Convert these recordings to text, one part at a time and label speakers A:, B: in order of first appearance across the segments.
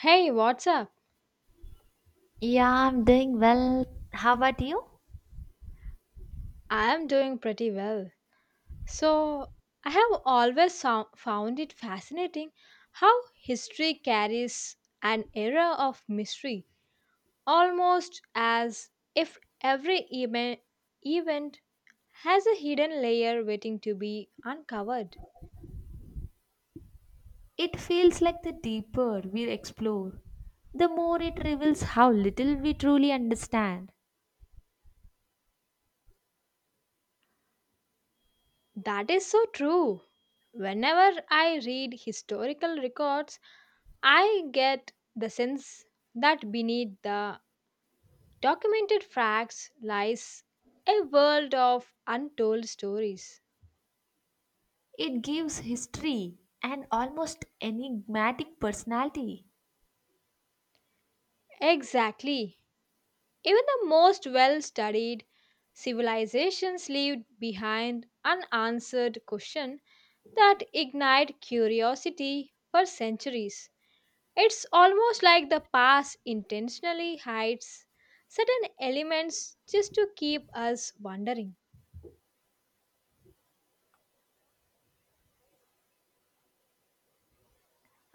A: Hey, what's up?
B: Yeah, I'm doing well. How about you?
A: I am doing pretty well. So, I have always found it fascinating how history carries an era of mystery, almost as if every event has a hidden layer waiting to be uncovered.
B: It feels like the deeper we explore, the more it reveals how little we truly understand.
A: That is so true. Whenever I read historical records, I get the sense that beneath the documented facts lies a world of untold stories.
B: It gives history an almost enigmatic personality.
A: Exactly. Even the most well studied civilizations leave behind unanswered questions that ignite curiosity for centuries. It's almost like the past intentionally hides certain elements just to keep us wondering.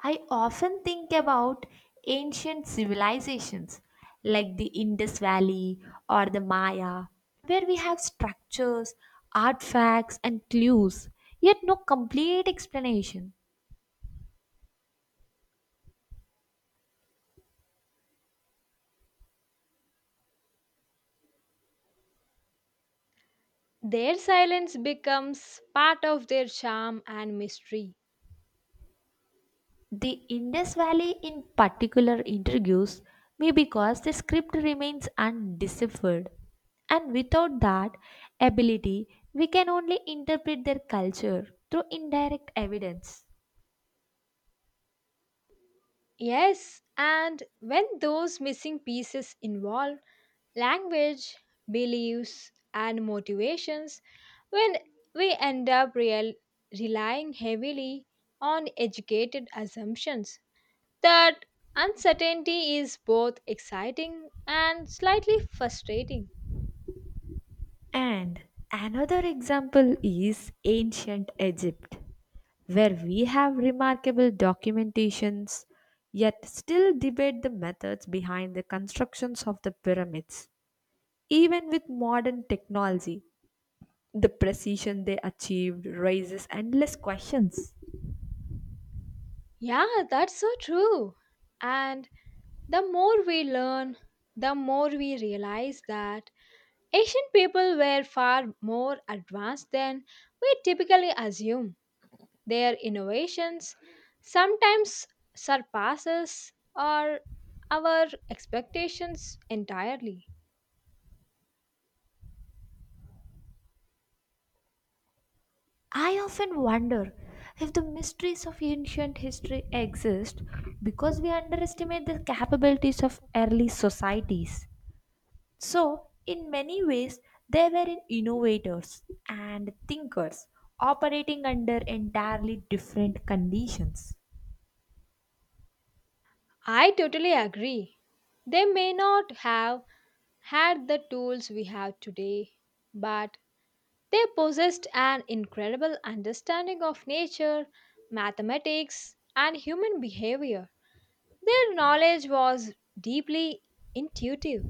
B: I often think about ancient civilizations like the Indus Valley or the Maya, where we have structures, artifacts, and clues, yet no complete explanation.
A: Their silence becomes part of their charm and mystery.
B: The Indus Valley in particular intrigues me because the script remains undeciphered, and without that ability, we can only interpret their culture through indirect evidence.
A: Yes, and when those missing pieces involve language, beliefs, and motivations, when we end up relying heavily on educated assumptions, that uncertainty is both exciting and slightly frustrating.
B: And another example is ancient Egypt, where we have remarkable documentations yet still debate the methods behind the constructions of the pyramids, even with modern technology. The precision they achieved raises endless questions.
A: Yeah, that's so true. And the more we learn, the more we realize that ancient people were far more advanced than we typically assume. Their innovations sometimes surpasses our expectations entirely.
B: I often wonder if the mysteries of ancient history exist because we underestimate the capabilities of early societies. So, in many ways, they were in innovators and thinkers operating under entirely different conditions.
A: I totally agree. They may not have had the tools we have today, but they possessed an incredible understanding of nature, mathematics, and human behavior. Their knowledge was deeply intuitive.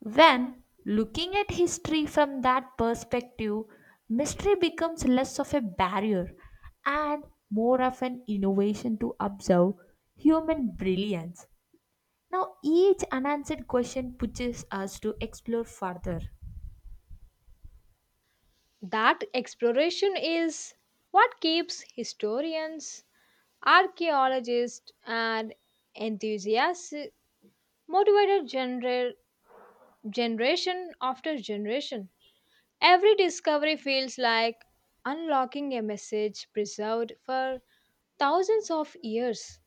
B: When looking at history from that perspective, mystery becomes less of a barrier and more of an innovation to observe human brilliance. Now, each unanswered question pushes us to explore further.
A: That exploration is what keeps historians, archaeologists, and enthusiasts motivated generation after generation. Every discovery feels like unlocking a message preserved for thousands of years.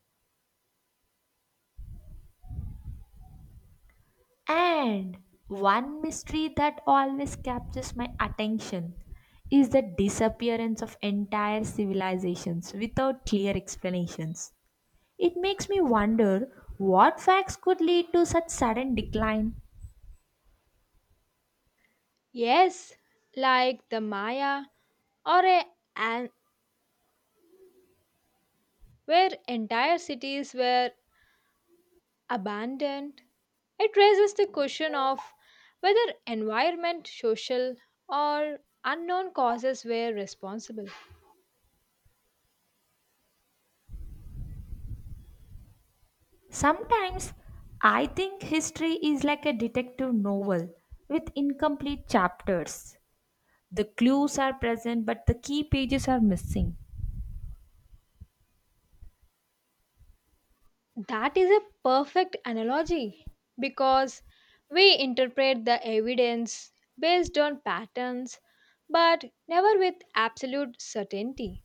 B: And one mystery that always captures my attention is the disappearance of entire civilizations without clear explanations. It makes me wonder what facts could lead to such sudden decline.
A: Yes, like the Maya or a, an, where entire cities were abandoned. It raises the question of whether environment, social, or unknown causes were responsible.
B: Sometimes I think history is like a detective novel with incomplete chapters. The clues are present, but the key pages are missing.
A: That is a perfect analogy because we interpret the evidence based on patterns but never with absolute certainty.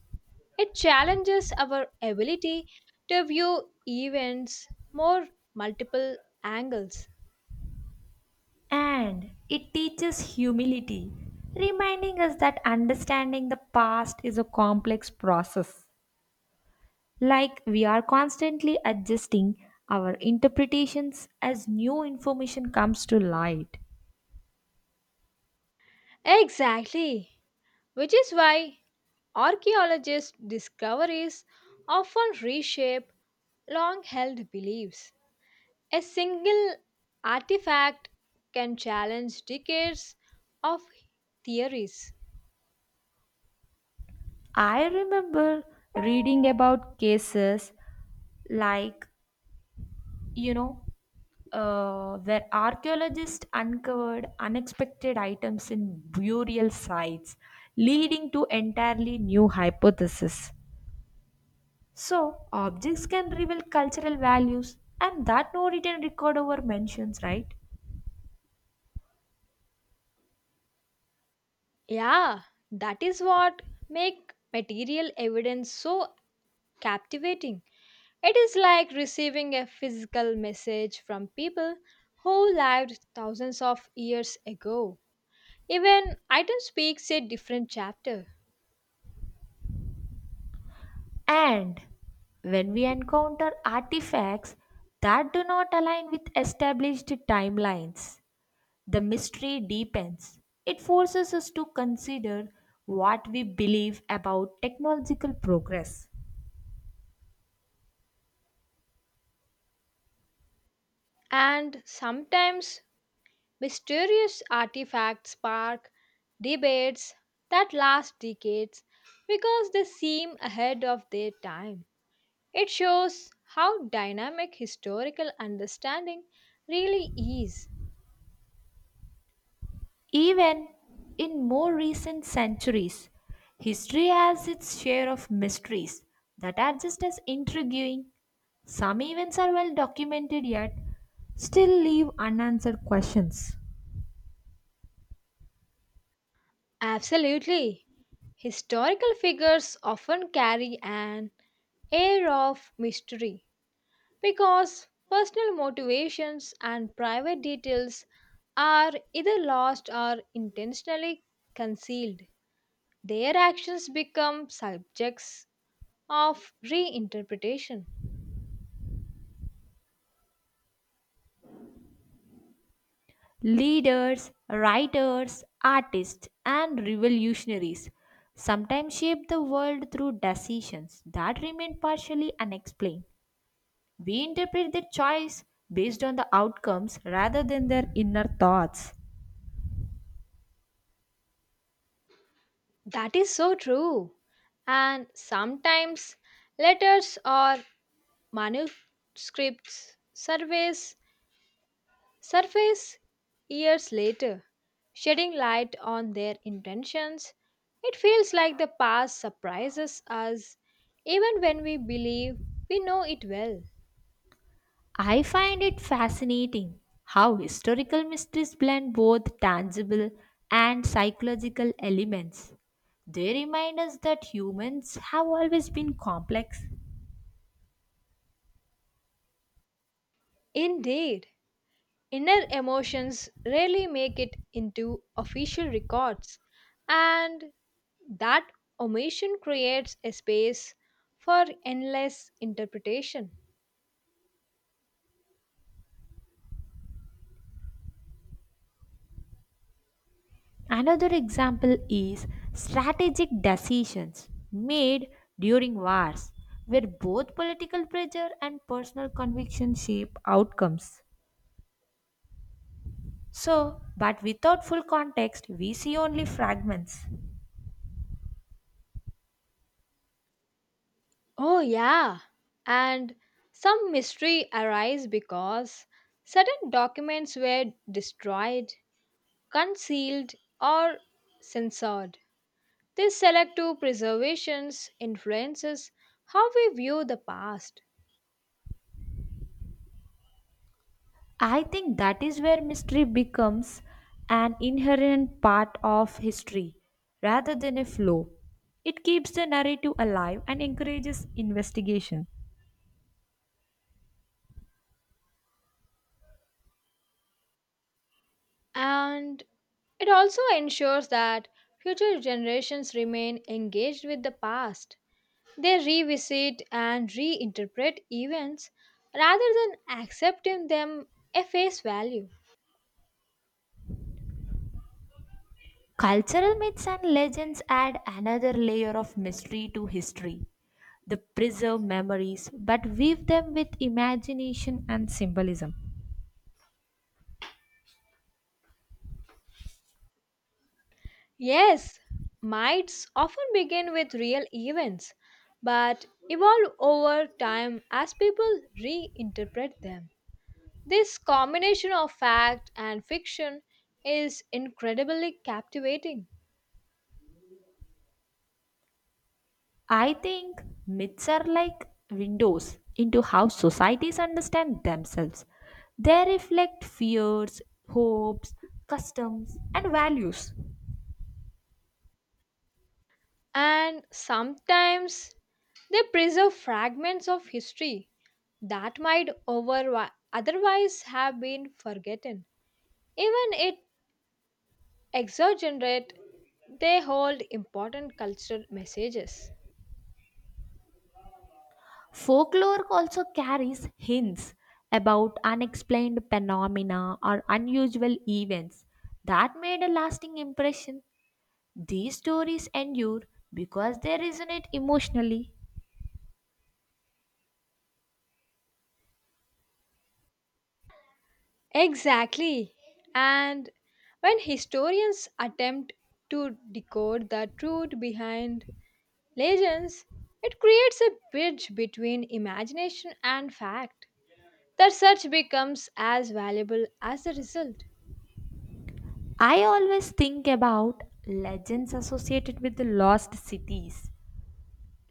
A: It challenges our ability to view events more multiple angles.
B: And it teaches humility, reminding us that understanding the past is a complex process. Like we are constantly adjusting our interpretations as new information comes to light.
A: Exactly, which is why archaeologists' discoveries often reshape long held beliefs. A single artifact can challenge decades of theories.
B: I remember reading about cases like, you know, where archaeologists uncovered unexpected items in burial sites, leading to entirely new hypotheses. So, objects can reveal cultural values, and that no written record over mentions, right?
A: Yeah, that is what makes material evidence so captivating. It is like receiving a physical message from people who lived thousands of years ago. Even item speaks a different chapter.
B: And when we encounter artifacts that do not align with established timelines, the mystery deepens. It forces us to consider what we believe about technological progress.
A: And sometimes mysterious artifacts spark debates that last decades because they seem ahead of their time. It shows how dynamic historical understanding really is.
B: Even in more recent centuries, history has its share of mysteries that are just as intriguing. Some events are well documented yet still leave unanswered questions.
A: Absolutely. Historical figures often carry an air of mystery because personal motivations and private details are either lost or intentionally concealed. Their actions become subjects of reinterpretation.
B: Leaders, writers, artists, and revolutionaries sometimes shape the world through decisions that remain partially unexplained. We interpret their choice based on the outcomes rather than their inner thoughts.
A: That is so true. And sometimes letters or manuscripts surveys surface years later, shedding light on their intentions. It feels like the past surprises us even when we believe we know it well.
B: I find it fascinating how historical mysteries blend both tangible and psychological elements. They remind us that humans have always been complex.
A: Indeed. Inner emotions rarely make it into official records, and that omission creates a space for endless interpretation.
B: Another example is strategic decisions made during wars, where both political pressure and personal conviction shape outcomes. So, but without full context, we see only fragments.
A: Oh, yeah. And some mystery arise because certain documents were destroyed, concealed, or censored. This selective preservations influences how we view the past.
B: I think that is where mystery becomes an inherent part of history rather than a flow. It keeps the narrative alive and encourages investigation.
A: And it also ensures that future generations remain engaged with the past. They revisit and reinterpret events rather than accepting them at face value.
B: Cultural myths and legends add another layer of mystery to history. They preserve memories but weave them with imagination and symbolism.
A: Yes, myths often begin with real events but evolve over time as people reinterpret them. This combination of fact and fiction is incredibly captivating.
B: I think myths are like windows into how societies understand themselves. They reflect fears, hopes, customs, and values.
A: And sometimes they preserve fragments of history that might over otherwise have been forgotten. Even it exaggerate, they hold important cultural messages.
B: Folklore also carries hints about unexplained phenomena or unusual events that made a lasting impression. These stories endure because they resonate emotionally.
A: Exactly. And when historians attempt to decode the truth behind legends, it creates a bridge between imagination and fact. The search becomes as valuable as the result.
B: I always think about legends associated with the lost cities,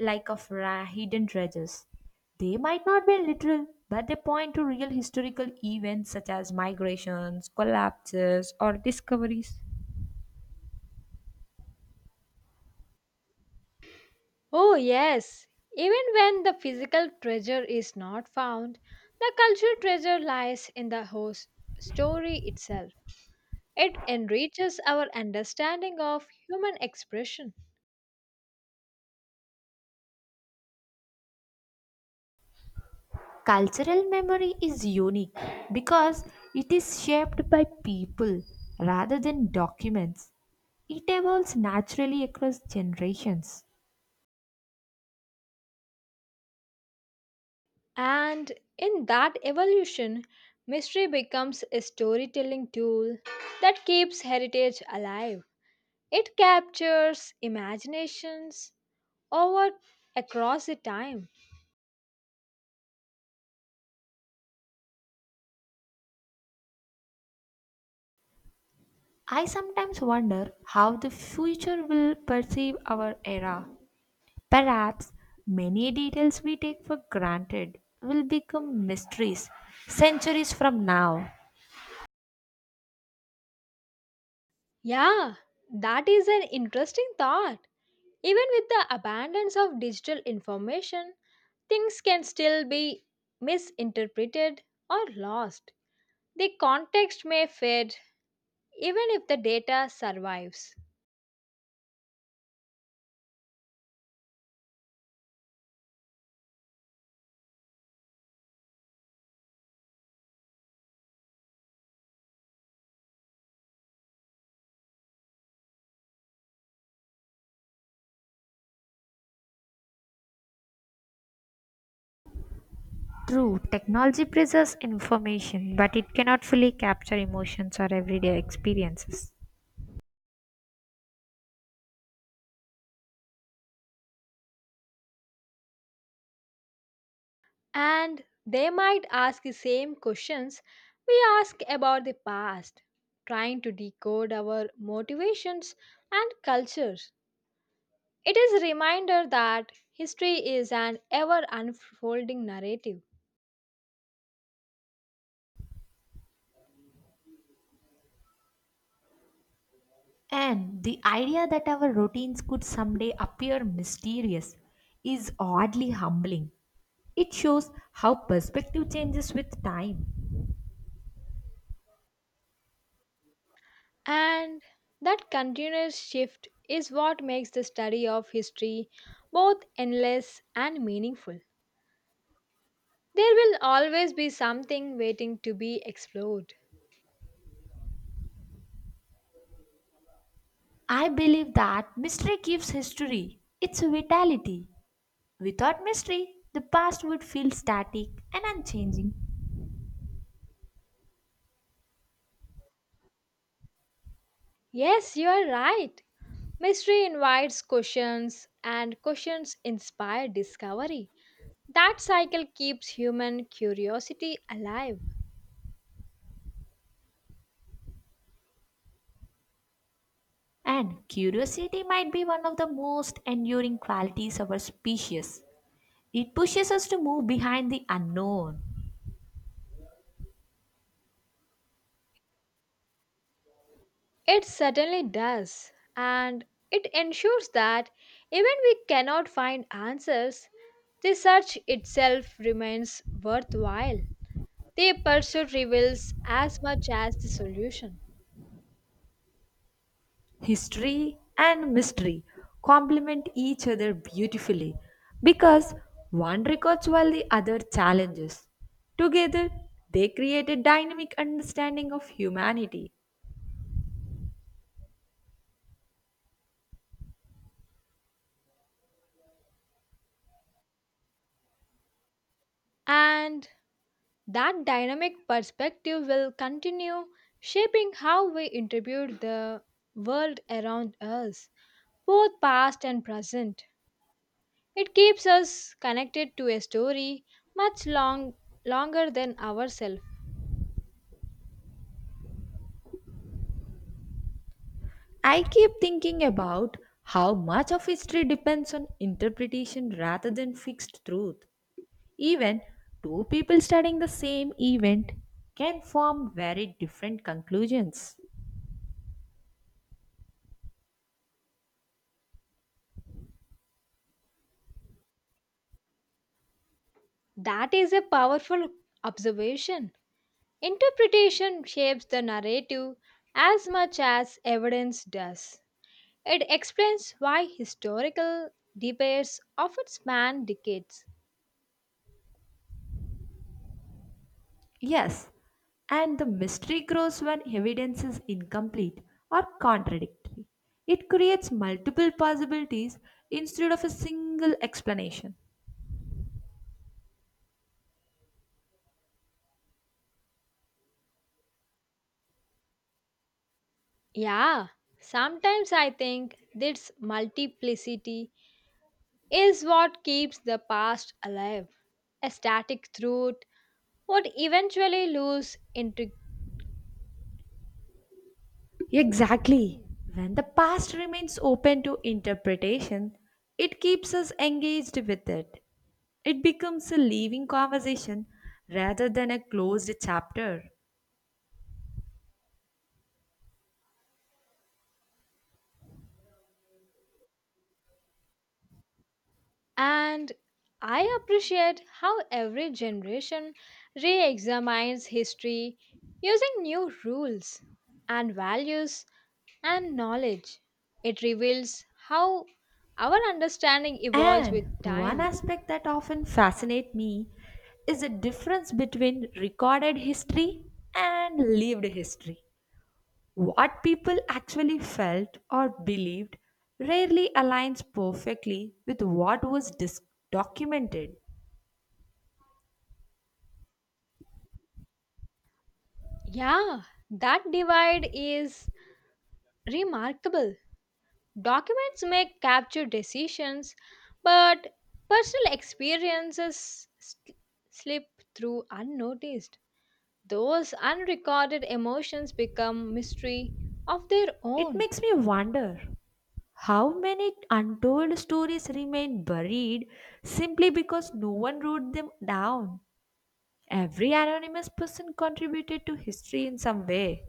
B: hidden treasures. They might not be literal, but they point to real historical events such as migrations, collapses, or discoveries.
A: Oh, yes, even when the physical treasure is not found, the cultural treasure lies in the host story itself. It enriches our understanding of human expression.
B: Cultural memory is unique because it is shaped by people rather than documents. It evolves naturally across generations.
A: And in that evolution, mystery becomes a storytelling tool that keeps heritage alive. It captures imaginations over across the time.
B: I sometimes wonder how the future will perceive our era. Perhaps many details we take for granted will become mysteries centuries from now.
A: Yeah, that is an interesting thought. Even with the abundance of digital information, things can still be misinterpreted or lost. The context may fade even if the data survives.
B: True, technology preserves information, but it cannot fully capture emotions or everyday experiences.
A: And they might ask the same questions we ask about the past, trying to decode our motivations and cultures. It is a reminder that history is an ever unfolding narrative.
B: And the idea that our routines could someday appear mysterious is oddly humbling. It shows how perspective changes with time.
A: And that continuous shift is what makes the study of history both endless and meaningful. There will always be something waiting to be explored.
B: I believe that mystery gives history its vitality. Without mystery, the past would feel static and unchanging.
A: Yes, you are right. Mystery invites questions, and questions inspire discovery. That cycle keeps human curiosity alive.
B: And curiosity might be one of the most enduring qualities of our species. It pushes us to move behind the unknown.
A: It certainly does, and it ensures that even we cannot find answers, the search itself remains worthwhile. The pursuit reveals as much as the solution.
B: History and mystery complement each other beautifully because one records while the other challenges. Together, they create a dynamic understanding of humanity.
A: And that dynamic perspective will continue shaping how we interpret the world around us, both past and present. It keeps us connected to a story much long, longer than ourselves.
B: I keep thinking about how much of history depends on interpretation rather than fixed truth. Even two people studying the same event can form very different conclusions.
A: That is a powerful observation. Interpretation shapes the narrative as much as evidence does. It explains why historical debates often span decades.
B: Yes, and the mystery grows when evidence is incomplete or contradictory. It creates multiple possibilities instead of a single explanation.
A: Yeah, sometimes I think this multiplicity is what keeps the past alive. A static truth would eventually lose intrigue.
B: Exactly. When the past remains open to interpretation, it keeps us engaged with it. It becomes a living conversation rather than a closed chapter.
A: And I appreciate how every generation re examines history using new rules and values and knowledge. It reveals how our understanding evolves with
B: And one
A: time.
B: aspect that often fascinates me is the difference between recorded history and lived history. What people actually felt or believed rarely aligns perfectly with what was documented.
A: Yeah, that divide is remarkable. Documents may capture decisions, but personal experiences slip through unnoticed. Those unrecorded emotions become mystery of their
B: It
A: own,
B: makes me wonder how many untold stories remain buried simply because no one wrote them down? Every anonymous person contributed to history in some way.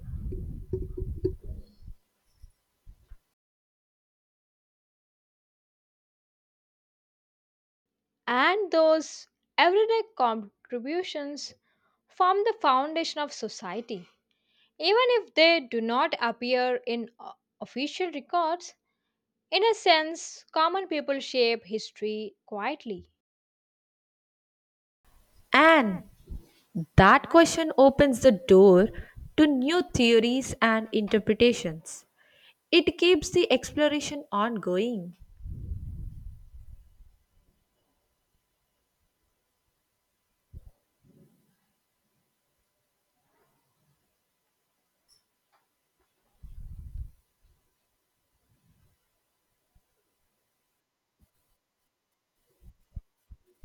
A: and those everyday contributions form the foundation of society. Even if they do not appear in official records, in a sense, common people shape history quietly.
B: And that question opens the door to new theories and interpretations. It keeps the exploration ongoing.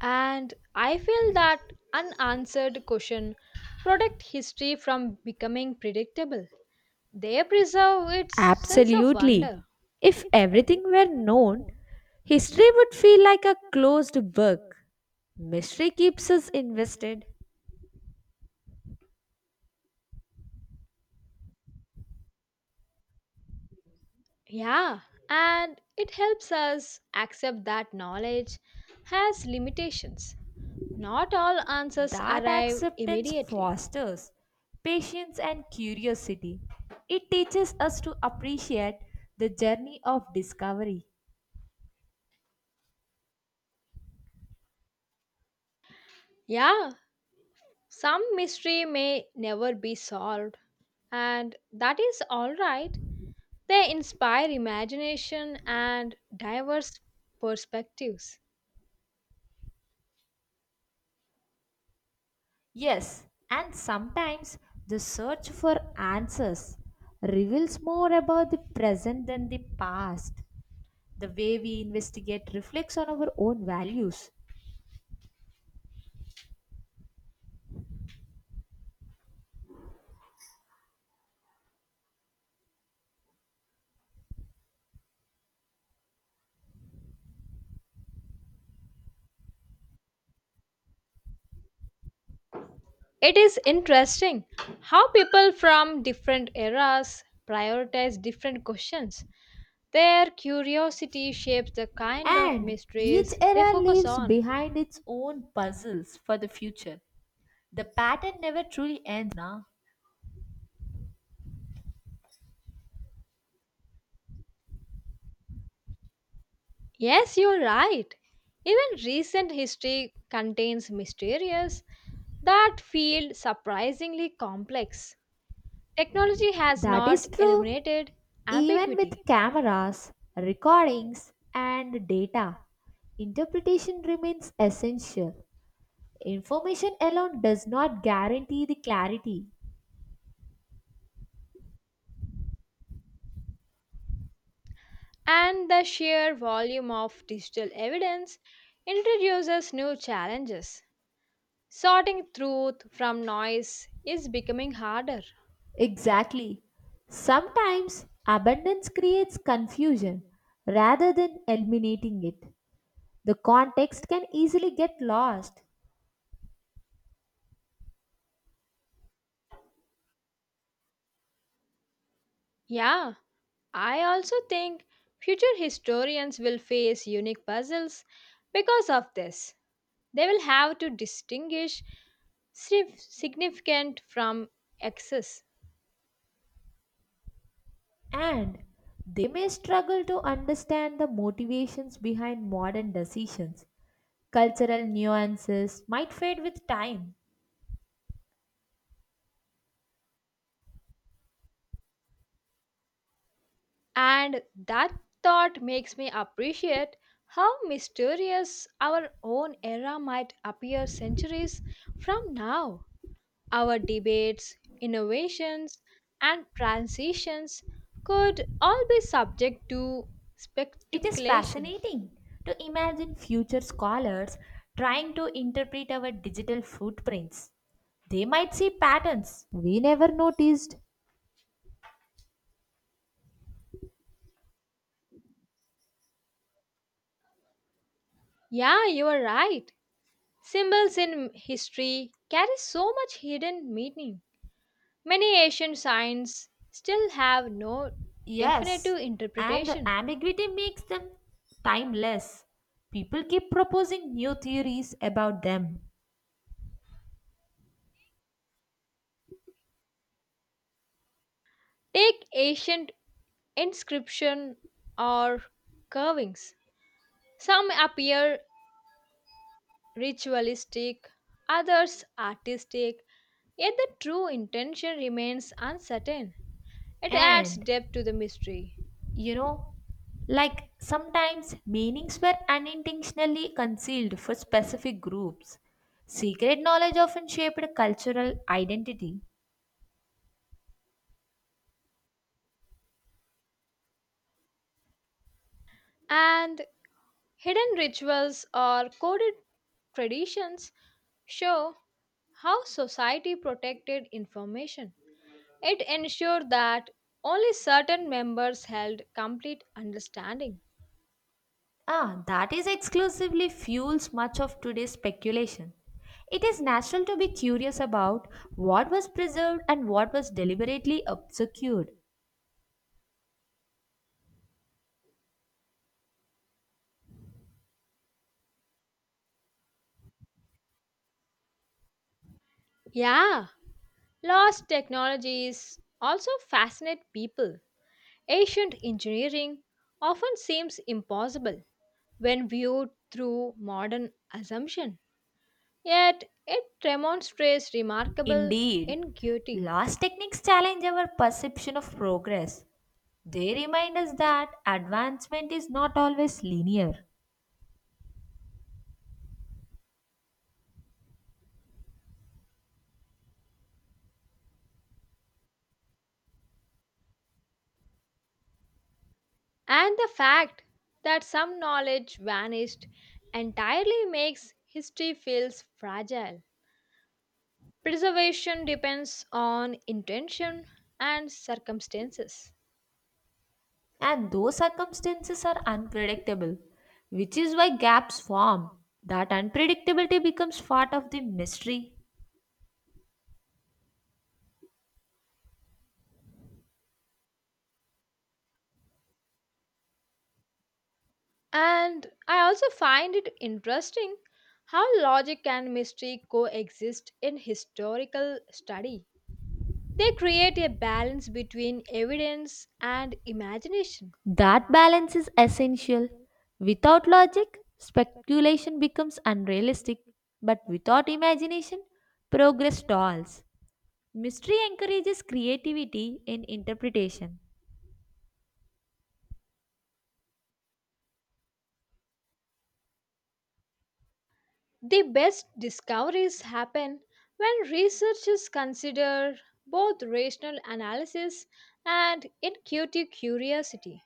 A: And I feel that unanswered question protect history from becoming predictable. They preserve its sense of
B: Absolutely.
A: wonder.
B: If everything were known, history would feel like a closed book. Mystery keeps us invested.
A: Yeah, and it helps us accept that knowledge has limitations. Not all answers
B: That
A: arrive
B: acceptance
A: immediately.
B: fosters patience and curiosity. It teaches us to appreciate the journey of discovery.
A: Yeah, some mystery may never be solved, and that is alright. They inspire imagination and diverse perspectives.
B: Yes, and sometimes the search for answers reveals more about the present than the past. The way we investigate reflects on our own values,
A: It is interesting how people from different eras prioritize different questions. Their curiosity shapes the kind of
B: and each
A: mysteries they
B: era
A: focus
B: leaves
A: on.
B: behind its own puzzles for the future. The pattern never truly ends, na?
A: Yes, you're right. Even recent history contains mysteries that feel surprisingly complex. Technology has
B: That
A: not
B: is true,
A: eliminated
B: even
A: ambiguity,
B: with cameras, recordings, and data. Interpretation remains essential. Information alone does not guarantee the clarity.
A: and the sheer volume of digital evidence introduces new challenges. Sorting truth from noise is becoming harder.
B: Exactly. Sometimes abundance creates confusion rather than eliminating it. The context can easily get lost,
A: Yeah, I also think future historians will face unique puzzles because of this. They will have to distinguish significant from excess.
B: and they may struggle to understand the motivations behind modern decisions. Cultural nuances might fade with time.
A: And that thought makes me appreciate how mysterious our own era might appear centuries from now. Our debates, innovations, and transitions could all be subject to
B: It is
A: speculation.
B: fascinating to imagine future scholars trying to interpret our digital footprints. They might see patterns we never noticed.
A: Yeah, you are right. Symbols in history carry so much hidden meaning. Many ancient signs still have no
B: Yes,
A: definitive
B: and the
A: interpretation.
B: ambiguity makes them timeless. People keep proposing new theories about them.
A: Take ancient inscription or carvings. Some appear ritualistic, others artistic, yet the true intention remains uncertain. It adds
B: And,
A: depth to the mystery.
B: you know, like, sometimes meanings were unintentionally concealed for specific groups. Secret knowledge often shaped cultural identity.
A: And hidden rituals or coded traditions show how society protected information. It ensured that only certain members held complete understanding.
B: Ah, that is exclusively fuels much of today's speculation. It is natural to be curious about what was preserved and what was deliberately obscured.
A: Yeah, lost technologies also fascinate people. Ancient engineering often seems impossible when viewed through modern assumption. Yet it demonstrates remarkable
B: Indeed,
A: ingenuity.
B: lost techniques challenge our perception of progress. They remind us that advancement is not always linear,
A: And the fact that some knowledge vanished entirely makes history feels fragile. Preservation depends on intention and circumstances.
B: and those circumstances are unpredictable, which is why gaps form. That unpredictability becomes part of the mystery.
A: And I also find it interesting how logic and mystery coexist in historical study. They create a balance between evidence and imagination.
B: That balance is essential. Without logic, speculation becomes unrealistic, but without imagination, progress stalls. Mystery encourages creativity in interpretation.
A: The best discoveries happen when researchers consider both rational analysis and intuitive curiosity.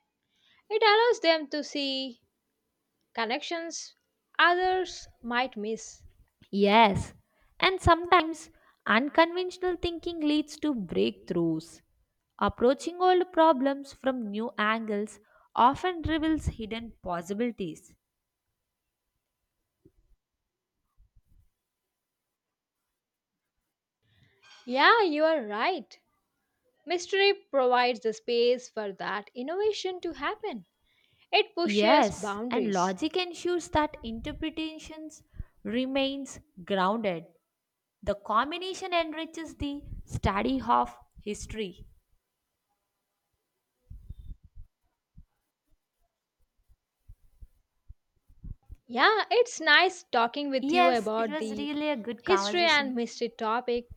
A: It allows them to see connections others might miss.
B: Yes, and sometimes unconventional thinking leads to breakthroughs. Approaching old problems from new angles often reveals hidden possibilities.
A: Yeah, you are right. Mystery provides the space for that innovation to happen. It pushes
B: Yes, and
A: boundaries.
B: logic ensures that interpretations remains grounded. The combination enriches the study of history.
A: Yeah, it's nice talking with you
B: Yes, it
A: about
B: was
A: the
B: really a good
A: history
B: conversation.
A: and mystery topic.